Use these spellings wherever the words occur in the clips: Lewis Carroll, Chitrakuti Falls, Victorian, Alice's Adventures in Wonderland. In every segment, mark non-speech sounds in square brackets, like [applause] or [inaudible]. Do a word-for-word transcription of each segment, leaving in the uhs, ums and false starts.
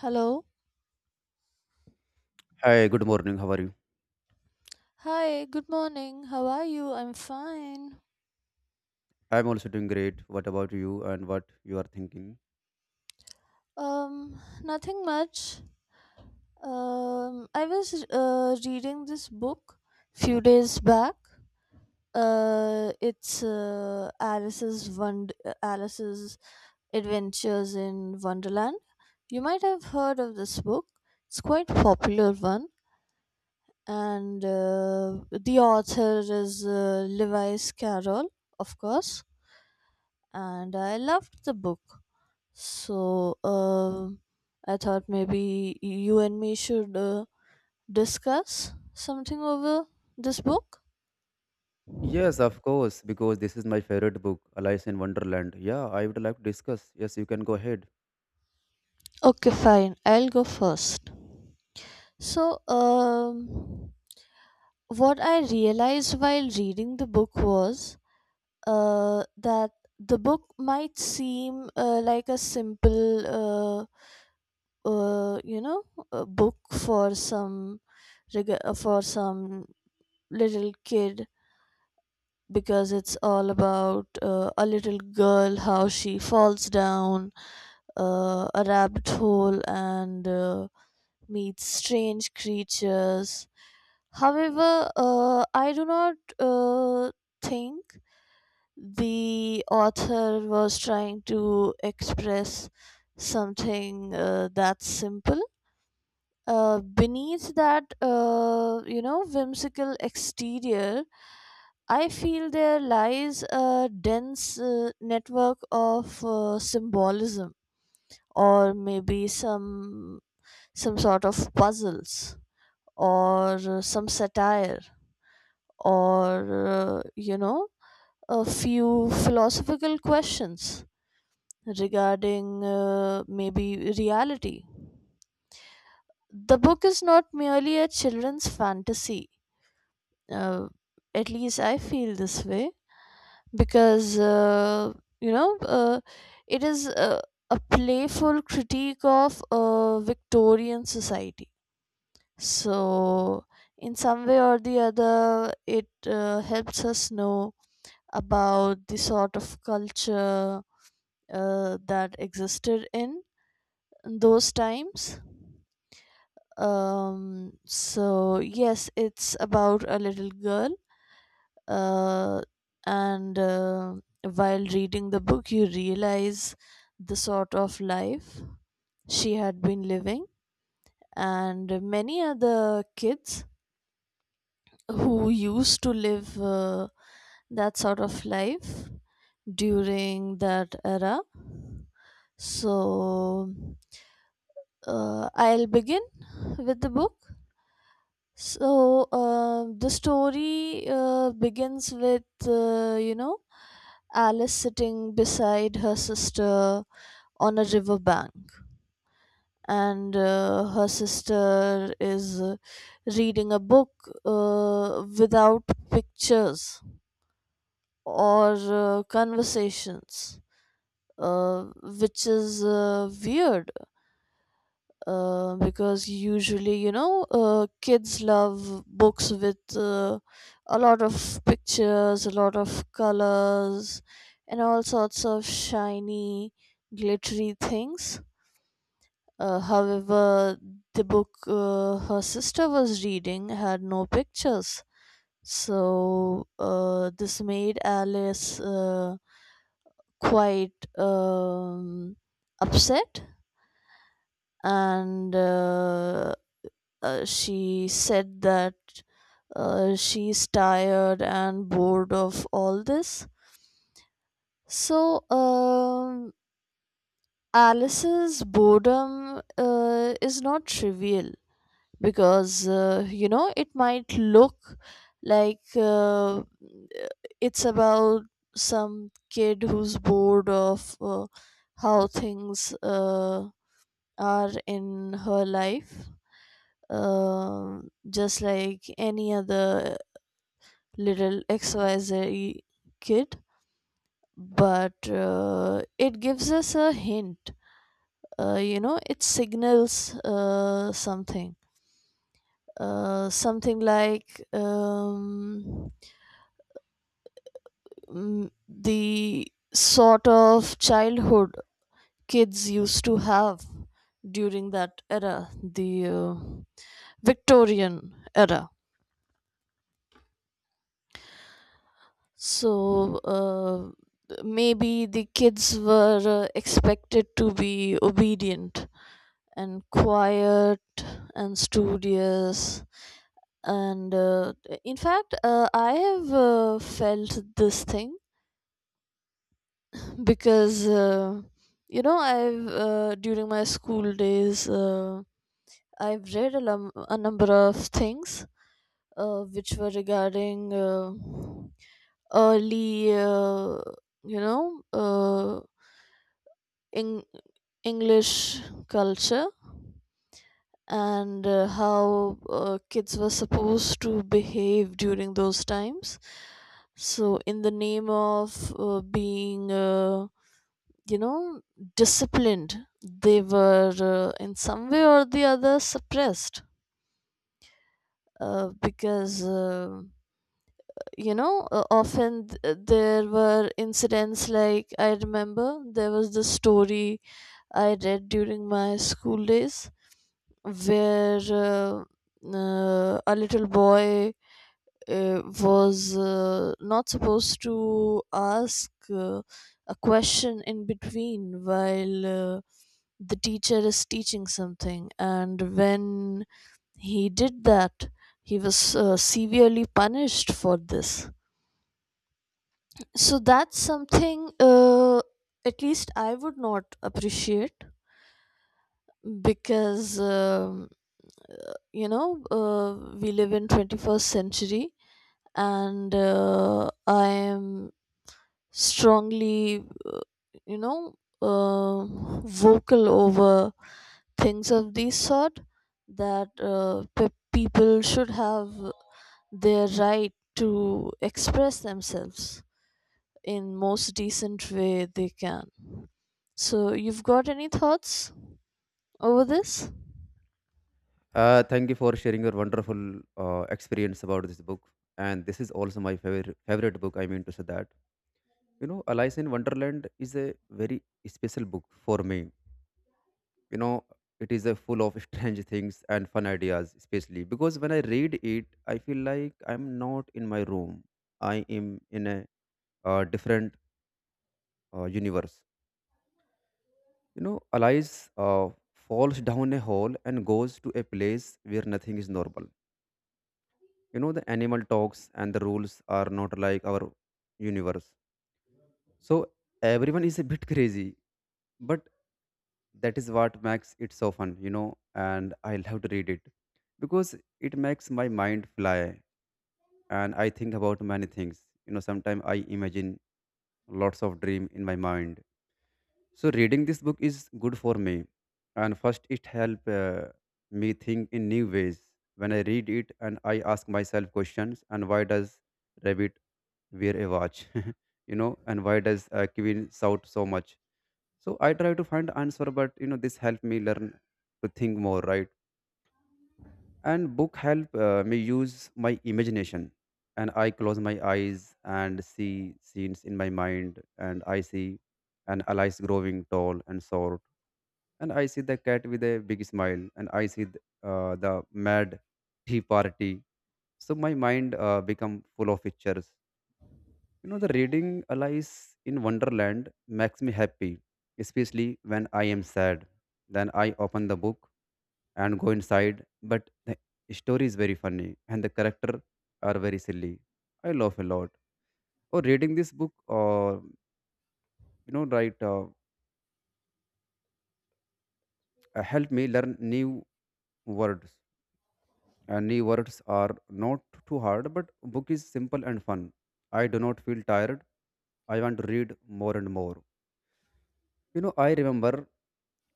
Hello. Hi, good morning. How are you? Hi, good morning. How are you? I'm fine. I'm also doing great. What about you and what you are thinking? Um, nothing much. Um, I was uh, reading this book few days back. Uh, it's uh, Alice's Wond- uh, Alice's Adventures in Wonderland. You might have heard of this book. It's quite popular one, and uh, the author is uh, Lewis Carroll, of course. And I loved the book. So, um I thought maybe you and me should uh, discuss something over this book. Yes, of course, because this is my favorite book, Alice in Wonderland. Yeah, I would like to discuss. Yes, you can go ahead. Okay, fine. I'll go first. So, um, what I realized while reading the book was uh, that the book might seem uh, like a simple, uh, uh, you know, a book for some reg- uh, for some little kid because it's all about uh, a little girl how she falls down uh, a rabbit hole and uh, meets strange creatures. However, uh, I do not uh, think the author was trying to express something uh, that simple. Uh, beneath that, uh, you know whimsical exterior, I feel there lies a dense uh, network of uh, symbolism, or maybe some some sort of puzzles, or uh, some satire, or uh, you know, a few philosophical questions regarding uh, maybe reality. The book is not merely a children's fantasy. Uh, at least I feel this way because uh, you know, uh, it is uh, a playful critique of uh, Victorian society. So in some way or the other, it uh, helps us know about the sort of culture uh, that existed in those times. Um, so yes, it's about a little girl, uh, and uh, while reading the book you realize the sort of life she had been living, and many other kids who used to live uh, that sort of life during that era. So uh, I'll begin with the book. So uh, the story uh, begins with uh, you know, Alice sitting beside her sister on a riverbank, and uh, her sister is uh, reading a book uh, without pictures or uh, conversations, uh, which is uh, weird, uh, because usually you know, uh, kids love books with uh, a lot of pictures, a lot of colors, and all sorts of shiny glittery things. Uh, however, the book uh, her sister was reading had no pictures, so uh, this made Alice uh, quite um, upset. And uh, Uh, she said that uh, she's tired and bored of all this. So, um, Alice's boredom uh, is not trivial because, uh, you know, it might look like uh, it's about some kid who's bored of uh, how things uh, are in her life. Um just like any other little X Y Z kid, but uh, it gives us a hint. Uh, you know, it signals uh, something. Uh, something like um, mm, the sort of childhood kids used to have during that era, the uh, Victorian era. So uh, maybe the kids were uh, expected to be obedient and quiet and studious, and uh, in fact, uh, I have uh, felt this thing because, uh, you know, i've uh, during my school days, uh, I've read a, lum- a number of things uh, which were regarding uh, early, uh, you know uh, in- English culture and uh, how uh, kids were supposed to behave during those times. So, in the name of uh, being, uh, you know, disciplined, they were uh, in some way or the other suppressed, uh, because. Uh, you know, uh, often th- uh, there were incidents. Like, I remember there was this story I read during my school days where, uh, uh, a little boy uh, was uh, not supposed to ask uh, a question in between while uh, the teacher is teaching something, and when he did that, he was uh, severely punished for this. So that's something uh, at least I would not appreciate because um you know, uh, we live in twenty-first century, and uh, I am strongly, you know, uh, vocal over things of this sort, that uh, pe- people should have their right to express themselves in most decent way they can. So you've got any thoughts over this? Uh, thank you for sharing your wonderful uh, experience about this book. And this is also my favorite favorite book. I mean to say that. You know, Alice in Wonderland is a very special book for me. You know, it is a full of [laughs] strange things and fun ideas, especially because when I read it I feel like I'm not in my room, I am in a uh, different uh, universe. You know, Alice uh, falls down a hole and goes to a place where nothing is normal. You know, the animal talks and the rules are not like our universe. So everyone is a bit crazy, but that is what makes it so fun, you know. And I love to read it because it makes my mind fly, and I think about many things. You know, sometimes I imagine lots of dream in my mind. So reading this book is good for me, and first it help uh, me think in new ways. When I read it, and I ask myself questions, and why does rabbit wear a watch? [laughs] You know, and why does uh, Kevin shout so much? So I try to find answer, but you know, this help me learn to think more, right? And book help uh, me use my imagination, and I close my eyes and see scenes in my mind, and I see an Alice growing tall and short, and I see the cat with a big smile, and I see the, uh, the mad tea party. So my mind uh, become full of pictures. You know, the reading Alice in Wonderland makes me happy, especially when I am sad. Then I open the book and go inside. But the story is very funny and the character are very silly. I laugh a lot. Or reading this book, or you know, right, uh, uh, help me learn new words. And new words are not too hard, but book is simple and fun. I do not feel tired. I want to read more and more. You know, I remember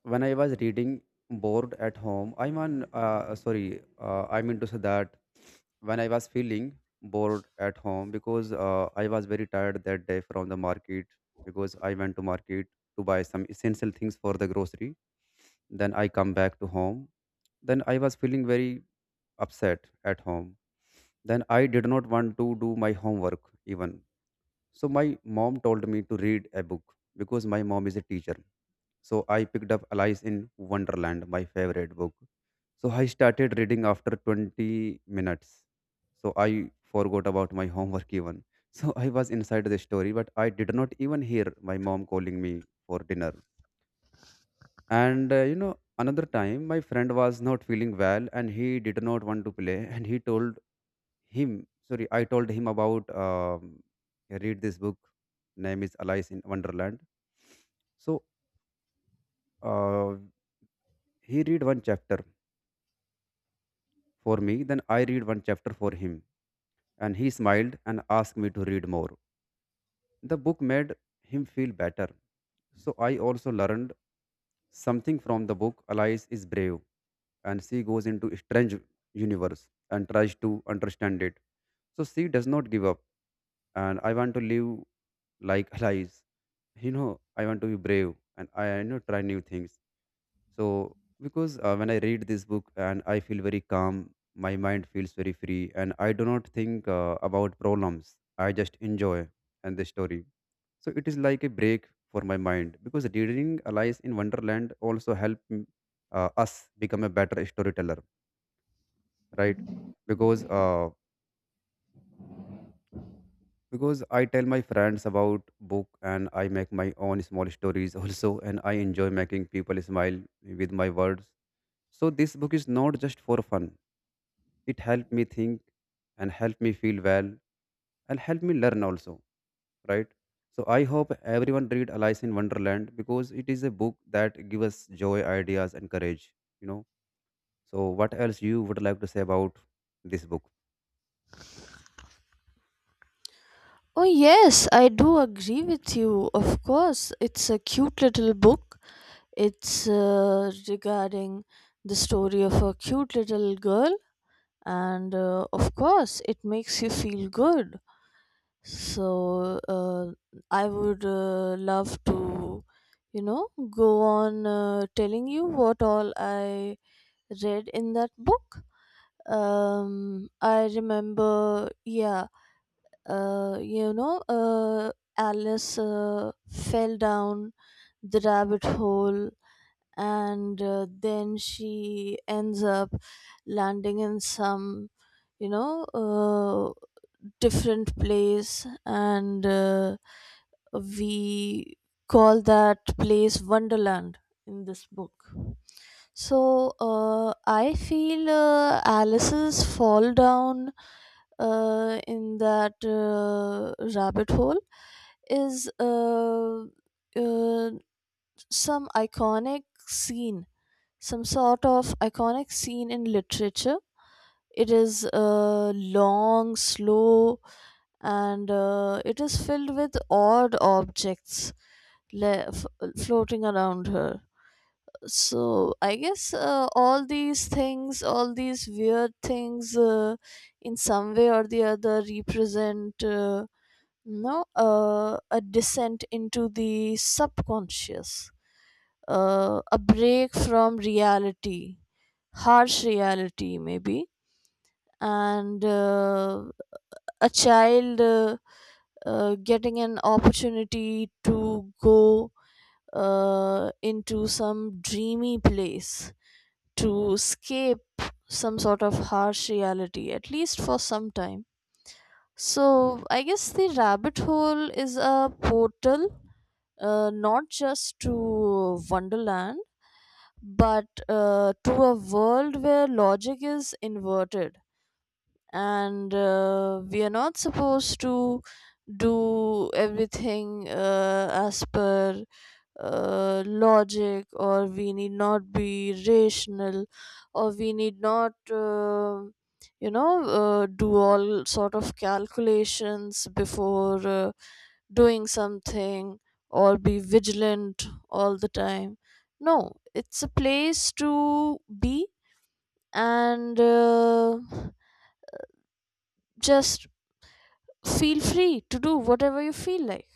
when I was reading bored at home. I mean, uh, sorry, uh, I mean to say that when I was feeling bored at home because uh, I was very tired that day from the market, because I went to market to buy some essential things for the grocery. Then I come back to home. Then I was feeling very upset at home. Then I did not want to do my homework even. So my mom told me to read a book because my mom is a teacher. So I picked up Alice in Wonderland, my favorite book. So I started reading after twenty minutes. So I forgot about my homework even. [laughs] So I was inside the story, but I did not even hear my mom calling me for dinner. And uh, you know, another time my friend was not feeling well and he did not want to play, and he told him sorry. I told him about um, I read this book, name is Alice in Wonderland. So uh, he read one chapter for me, then I read one chapter for him, and he smiled and asked me to read more. The book made him feel better. So I also learned something from the book. Alice is brave, and she goes into strange universe and tries to understand it. So she does not give up, and I want to live like lies. You know, I want to be brave, and I, you know, try new things. So because uh, when I read this book, and I feel very calm. My mind feels very free, and I do not think uh, about problems. I just enjoy and the story. So it is like a break for my mind, because reading lies in Wonderland also help mm, uh, us become a better storyteller, right? Because uh, because I tell my friends about book, and I make my own small stories [laughs] also, and I enjoy making people smile with my words. So this book is not just for fun. It helped me think and helped me feel well and helped me learn also, right? So I hope everyone read Alice in Wonderland because it is a book that gives us joy, ideas and courage, you know. So what else you would like to say about this book? Oh, yes, I do agree with you. Of course, it's a cute little book. It's uh, regarding the story of a cute little girl, and uh, of course, it makes you feel good. So, uh, I would uh, love to, you know, go on uh, telling you what all I read in that book. Um, I remember, yeah, uh, you know, uh, Alice uh, fell down the rabbit hole, and uh, then she ends up landing in some, you know, uh, different place, and uh, we call that place Wonderland in this book. So uh, I feel uh, Alice's fall down uh, in that uh, rabbit hole is, uh, uh, some iconic scene, some sort of iconic scene in literature. It is uh, long, slow, and uh, it is filled with odd objects le- f- floating around her. So I guess uh, all these things all these weird things, uh, in some way or the other, represent uh, no uh, a descent into the subconscious, uh, a break from reality, harsh reality maybe, and uh, a child uh, uh, getting an opportunity to go uh, into some dreamy place, to escape some sort of harsh reality, at least for some time. So, I guess the rabbit hole is a portal uh, not just to Wonderland, but uh, to a world where logic is inverted, and uh, we are not supposed to do everything uh, as per uh, logic, or we need not be rational, or we need not uh, you know, uh, do all sort of calculations before uh, doing something, or be vigilant all the time. No, it's a place to be and uh, just feel free to do whatever you feel like.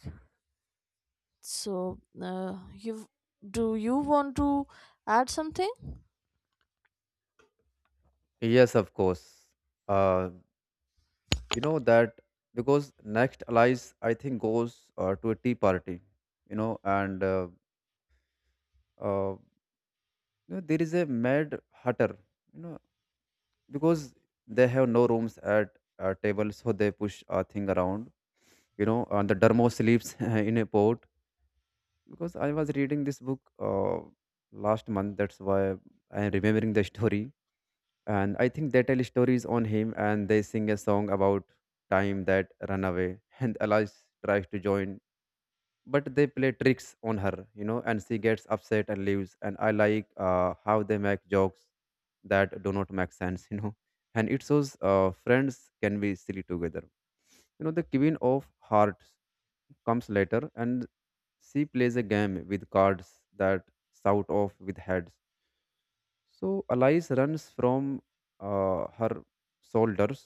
So uh, you do you want to add something? Yes, of course. Uh, you know that because next allies I think goes uh, to a tea party, you know. And uh, uh, you know, there is a mad hatter, you know, because they have no rooms at uh, table, so they push a thing around, you know. And the dermo sleeps [laughs] in a pot because I was reading this book uh, last month, that's why I am remembering the story. And I think they tell stories on him, and they sing a song about time that run away. And allies tries to join, but they play tricks on her, you know, and she gets upset and leaves. And I like uh, how they make jokes that do not make sense. [laughs] You know, and it shows uh, friends can be silly together. You know, the queen of hearts comes later, and she plays a game with cards that shout off with heads. So Alice runs from uh, her shoulders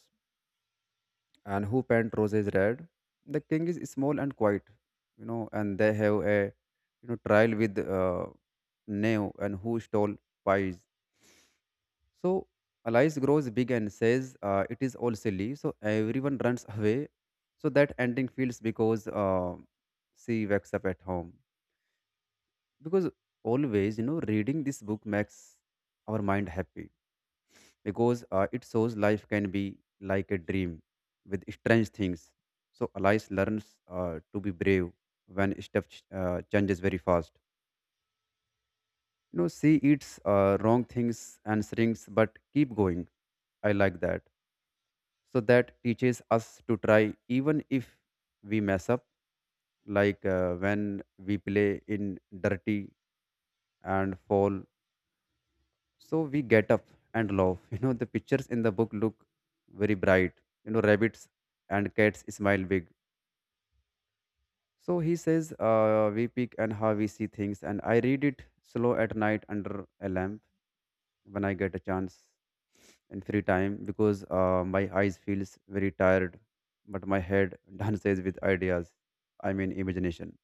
and who paint roses red. The king is small and quiet, you know, and they have a, you know, trial with uh, Neo and who stole pies. So Alice grows big and says uh, it is all silly. So everyone runs away. So that ending feels because uh, she wakes up at home, because always, you know, reading this book makes our mind happy, because uh, it shows life can be like a dream with strange things. So Alice learns uh, to be brave when stuff ch- uh, changes very fast. You know, she eats uh, wrong things and shrinks, but keep going. I like that. So that teaches us to try even if we mess up, like uh, when we play in dirty and fall. So we get up and laugh. [laughs] You know, the pictures in the book look very bright. You know, rabbits and cats smile big. So he says, uh, we pick and how we see things. And I read it slow at night under a lamp when I get a chance in free time, because uh, my eyes feels very tired, but my head [laughs] dances with ideas. I mean, imagination.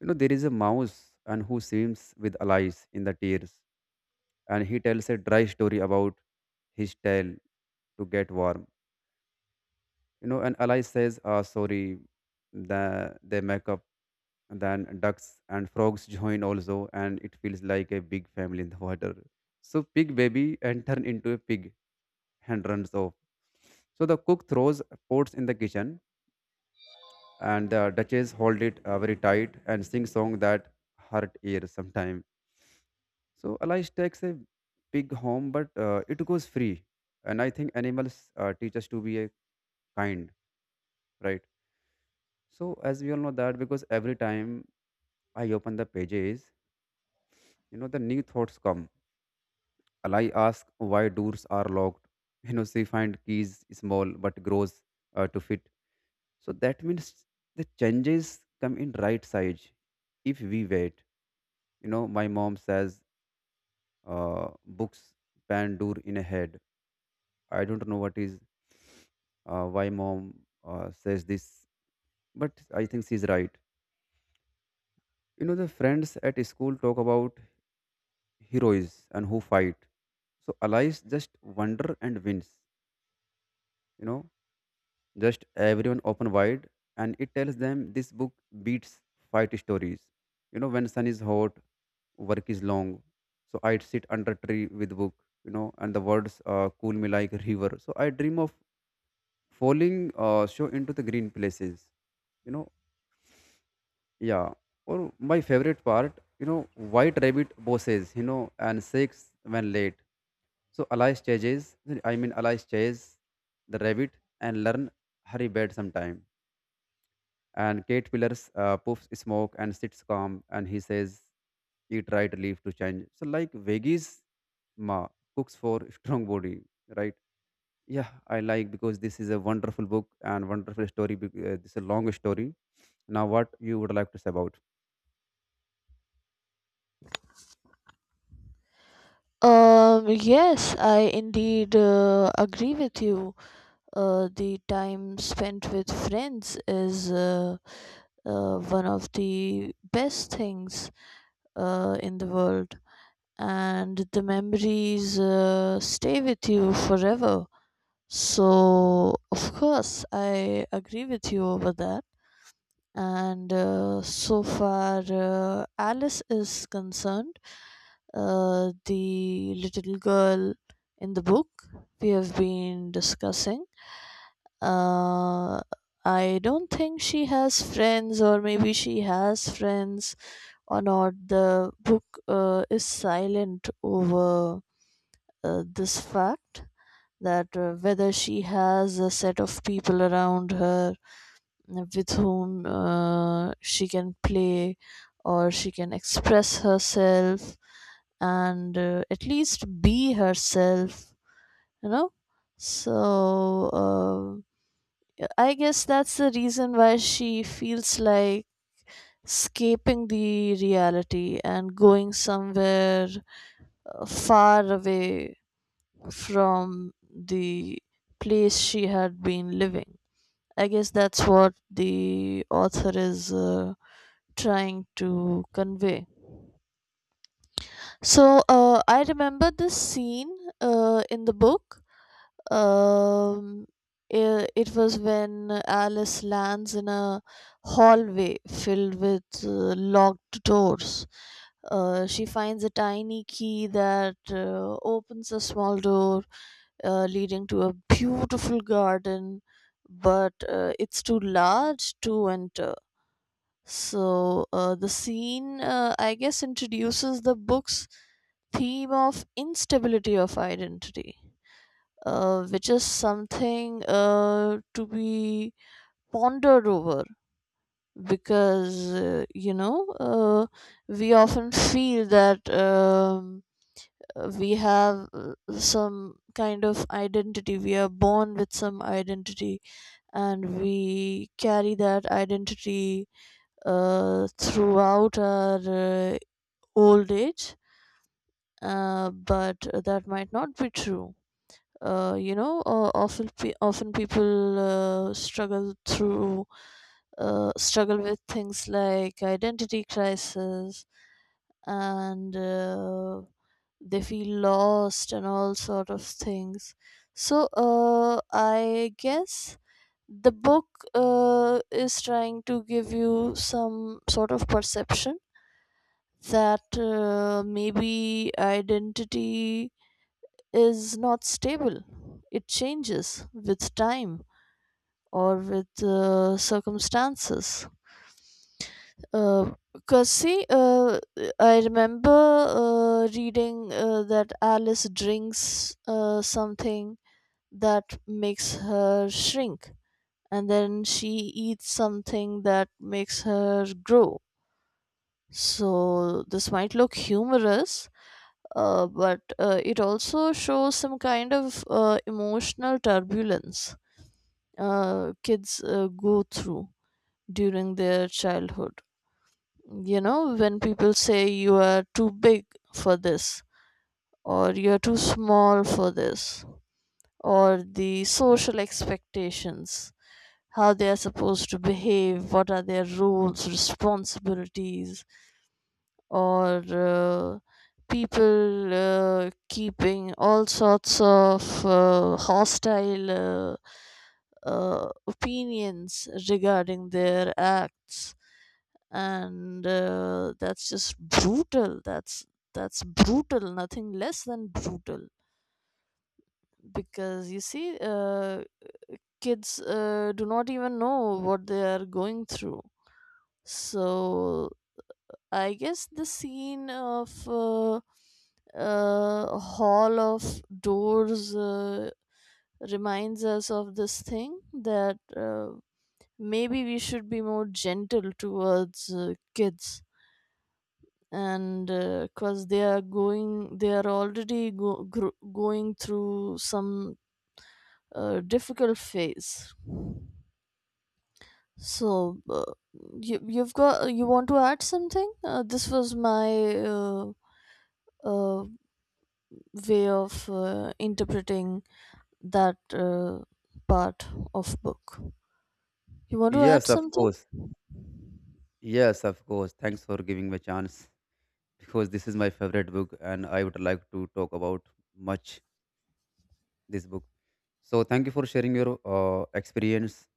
You know, there is a mouse and who swims with allies in the tears, and he tells a dry story about his tail to get warm. You know, and Alice says, "Ah, sorry." The they make up. Then ducks and frogs join also, and it feels like a big family in the water. So pig baby and turn into a pig and runs off. So the cook throws pots in the kitchen, and the duchess hold it uh, very tight and sing song that hurt ears sometime. So Alice takes a big home, but uh, it goes free. And I think animals uh, teach us to be a kind, right? So as we all know that, because every time I open the pages, you know, the new thoughts come. Alai asks why doors are locked. [laughs] You know, she find keys small but grows uh, to fit. So that means the changes come in right size if we wait. You know, my mom says uh, books pan door in a head. I don't know what is uh, why mom uh, says this, but I think she's right. You know, the friends at school talk about heroes and who fight. So allies just wonder and wins. You know, just everyone open wide, and it tells them this book beats fight stories. You know, when sun is hot, work is long. So I'd sit under tree with book. You know, and the words uh, cool me like river. So I dream of falling uh, show into the green places, you know. Yeah, or my favorite part, you know, white rabbit bosses, you know, and six when late. So alice chases, i mean alice chase the rabbit and learn hurry bed sometime. And kate pillars uh, puffs smoke and sits calm, and he says eat right leaf to change, so like veggies ma cooks for [laughs] strong body, right? Yeah, I like because this is a wonderful book and wonderful story. Bec- Uh, this is a long story. Now, what you would like to say about? Um, yes, I indeed uh, agree with you. Uh, the time spent with friends is, uh, uh, one of the best things uh, in the world, and the memories uh, stay with you forever. So, of course, I agree with you over that. And uh, so far, uh, Alice is concerned, uh, the little girl in the book we have been discussing. Uh, I don't think she has friends, or maybe she has friends or not. The book uh, is silent over uh, this fact, that uh, whether she has a set of people around her with whom uh, she can play or she can express herself and uh, at least be herself, you know. So uh, I guess that's the reason why she feels like escaping the reality and going somewhere uh, far away from the place she had been living. I guess that's what the author is uh, trying to convey. So uh, I remember this scene uh, in the book. Um, i- it was when Alice lands in a hallway filled with uh, locked doors. Uh, she finds a tiny key that uh, opens a small door uh, leading to a beautiful garden, but uh, it's too large to enter. So uh, the scene, uh, I guess, introduces the book's theme of instability of identity, uh, which is something uh, to be pondered over because uh, you know, uh, we often feel that um, uh, we have uh, some kind of identity, we are born with some identity and we carry that identity uh, throughout our uh, old age, uh, but that might not be true. Uh, you know, uh, often pe- often people uh, struggle through uh, struggle with things like identity crisis, and uh, they feel lost and all sort of things. So uh, I guess the book uh, is trying to give you some sort of perception, that uh, maybe identity is not stable. It changes with time or with uh, circumstances. Uh, because see, uh, I remember uh, reading uh, that Alice drinks uh, something that makes her shrink, and then she eats something that makes her grow. So, this might look humorous, uh, but uh, it also shows some kind of uh, emotional turbulence uh, kids uh, go through during their childhood. You know, when people say you are too big for this, or you are too small for this, or the social expectations, how they are supposed to behave, what are their roles, responsibilities, or uh, people uh, keeping all sorts of uh, hostile, uh, uh, opinions regarding their acts, and uh, that's just brutal. That's that's brutal, nothing less than brutal, because you see uh, kids uh, do not even know what they are going through. So I guess the scene of, uh, uh, Hall of Doors uh, reminds us of this thing, that uh, maybe we should be more gentle towards uh, kids, and because they are going they are already go, gr- going through some uh, difficult phase. So uh, you, you've got you want to add something? Uh, this was my, uh, uh, way of uh, interpreting that uh, part of book. You want to add Yes, of something? course. Yes, of course. Thanks for giving me a chance [laughs] because this is my favorite book and I would like to talk about much this book. So, thank you for sharing your uh, experience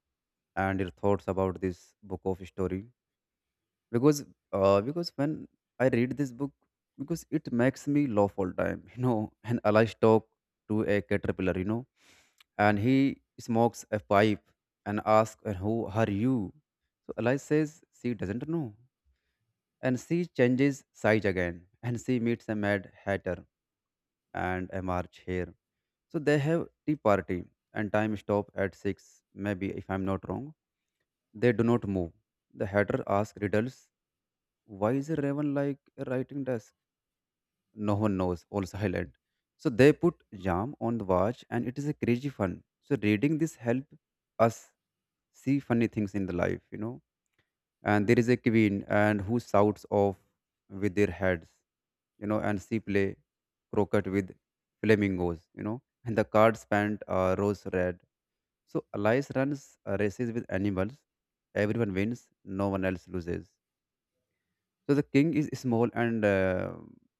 and your thoughts about this book of story. because uh, because when I read this book because it makes me laugh all time [laughs] you know and alice talk to a caterpillar, you know, and he smokes a pipe and asks and who are you? So alice says she doesn't know and she changes size again [laughs] and she meets a mad hatter and a march hare. So they have tea party and time stop at six, maybe if I'm not wrong. They do not move. The hatter asks riddles. Why is a raven like a writing desk? No one knows, all silent. So they put jam on the watch and it is a crazy fun. So reading this help us see funny things in the life, you know. And there is a queen and who shouts off with their heads, you know, and she play croquet with flamingos, you know. And the cards paint are rose red so Elias runs uh, races with animals. Everyone wins. No one else loses. So the king is small and uh,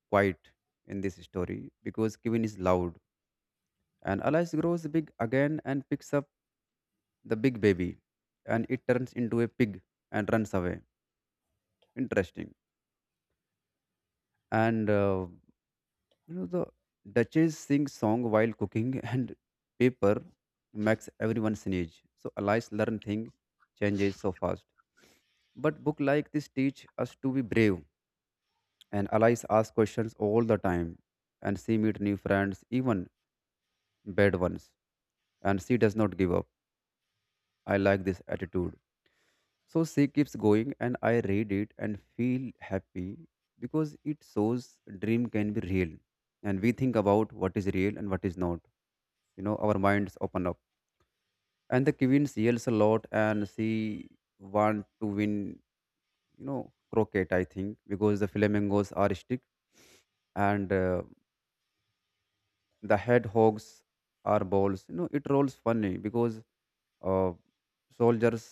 quiet in this story because Kevin is loud. And Elias grows big again and picks up the big baby, and it turns into a pig and runs away. Interesting. And uh, You know, the Duchess sings song while cooking [laughs] and paper makes everyone sneeze. So Alice learn thing changes so fast. But book like this teach us to be brave. And Alice ask questions all the time. And she meet new friends, even bad ones. And she does not give up. I like this attitude. So she keeps going, and I read it and feel happy because it shows dream can be real. And we think about what is real and what is not. You know, our minds open up. And the queen yells a lot, and she want to win. You know, croquet. I think because the flamingos are stick, and uh, the hedgehogs are balls. You know, it rolls funny because Uh, soldiers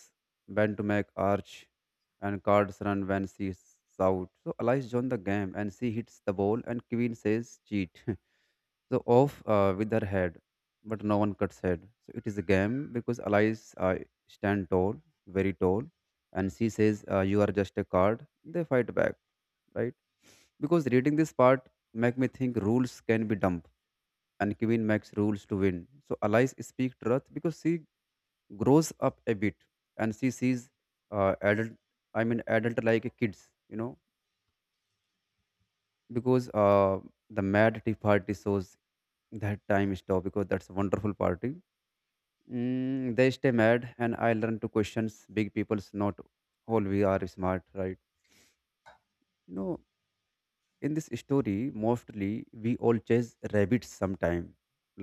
bend to make arch, and cards run when she out. So Alice joins the game, and she hits the ball, and Queen says cheat. [laughs] So off uh, with her head, but no one cuts head. So it is a game because Alice uh, stand tall, very tall, and she says uh, you are just a card. They fight back, right? Because reading this part make me think rules can be dumb and Kevin makes rules to win. So Alice speak truth because she grows up a bit and she sees uh, adult I mean adult like kids, you know, because uh, the mad tea party shows that time stop because that's a wonderful party. Mm, they stay mad and I learn to questions big people's not all we are smart, right? You know, in this story mostly we all chase rabbits sometime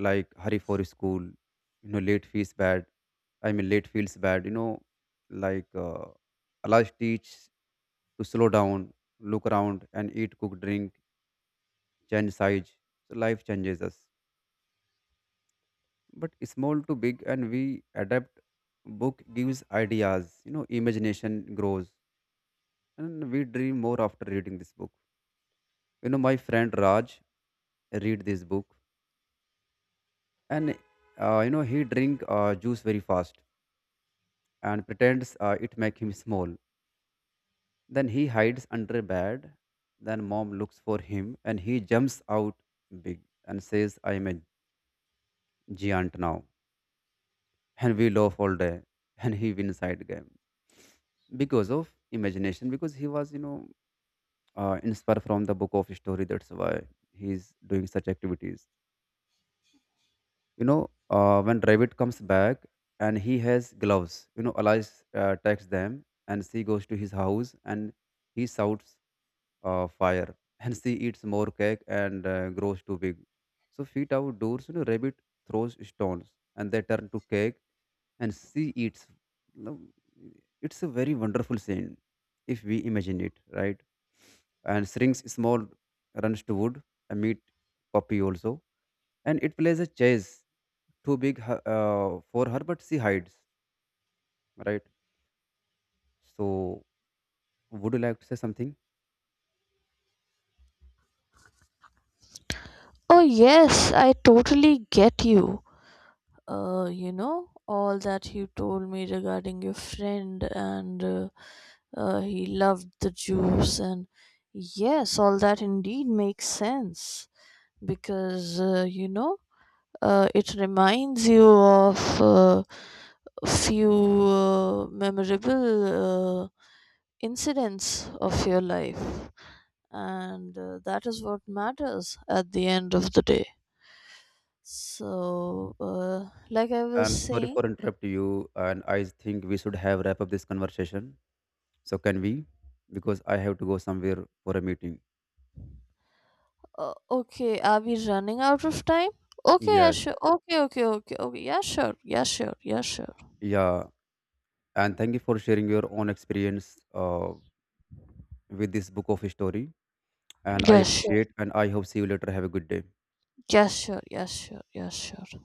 like hurry for school, you know, late feels bad i mean late feels bad, you know, like uh, allah teach to slow down, look around and eat cook drink, change size. So life changes us but small to big and we adapt. Book gives ideas, you know, imagination grows and we dream more after reading this book. You know, my friend raj read this book and uh, you know he drink uh, juice very fast and pretends uh, it make him small. Then he hides under a bed, then mom looks for him and he jumps out big and says I am a giant now, and we laugh all day. [laughs] And he wins side game because of imagination, because he was, you know, uh, inspired from the book of story, that's why he's doing such activities, you know. Uh, when rabbit comes back and he has gloves, you know, alice uh, takes them and she goes to his house and he shouts uh, fire. [laughs] And she eats more cake and uh, grows too big, so feet outdoors, you know, rabbit throws stones and they turn to cake and she eats, you know, it's a very wonderful scene if we imagine it right. And shrinks small, runs to wood, a meat puppy also, and it plays a chase, too big h- uh, for her, but she hides, right? So, would you like to say something? Oh yes, I totally get you. Uh, you know, all that you told me regarding your friend, and uh, uh, he loved the juice, and yes, all that indeed makes sense because uh, you know, uh, it reminds you of uh, few uh, memorable uh, incidents of your life, and uh, that is what matters at the end of the day. So uh, like I was I'm sorry saying, for interrupting you, and I think we should have wrap up this conversation. So, can we? Because I have to go somewhere for a meeting. uh, okay, are we running out of time? Okay, yeah Yes, sure, okay okay okay okay, yeah sure, yeah sure, yeah sure, yeah. And thank you for sharing your own experience uh, with this book of story. And I yeah sure, appreciate, and I hope see you later. Have a good day. yeah sure, yeah sure, yeah sure.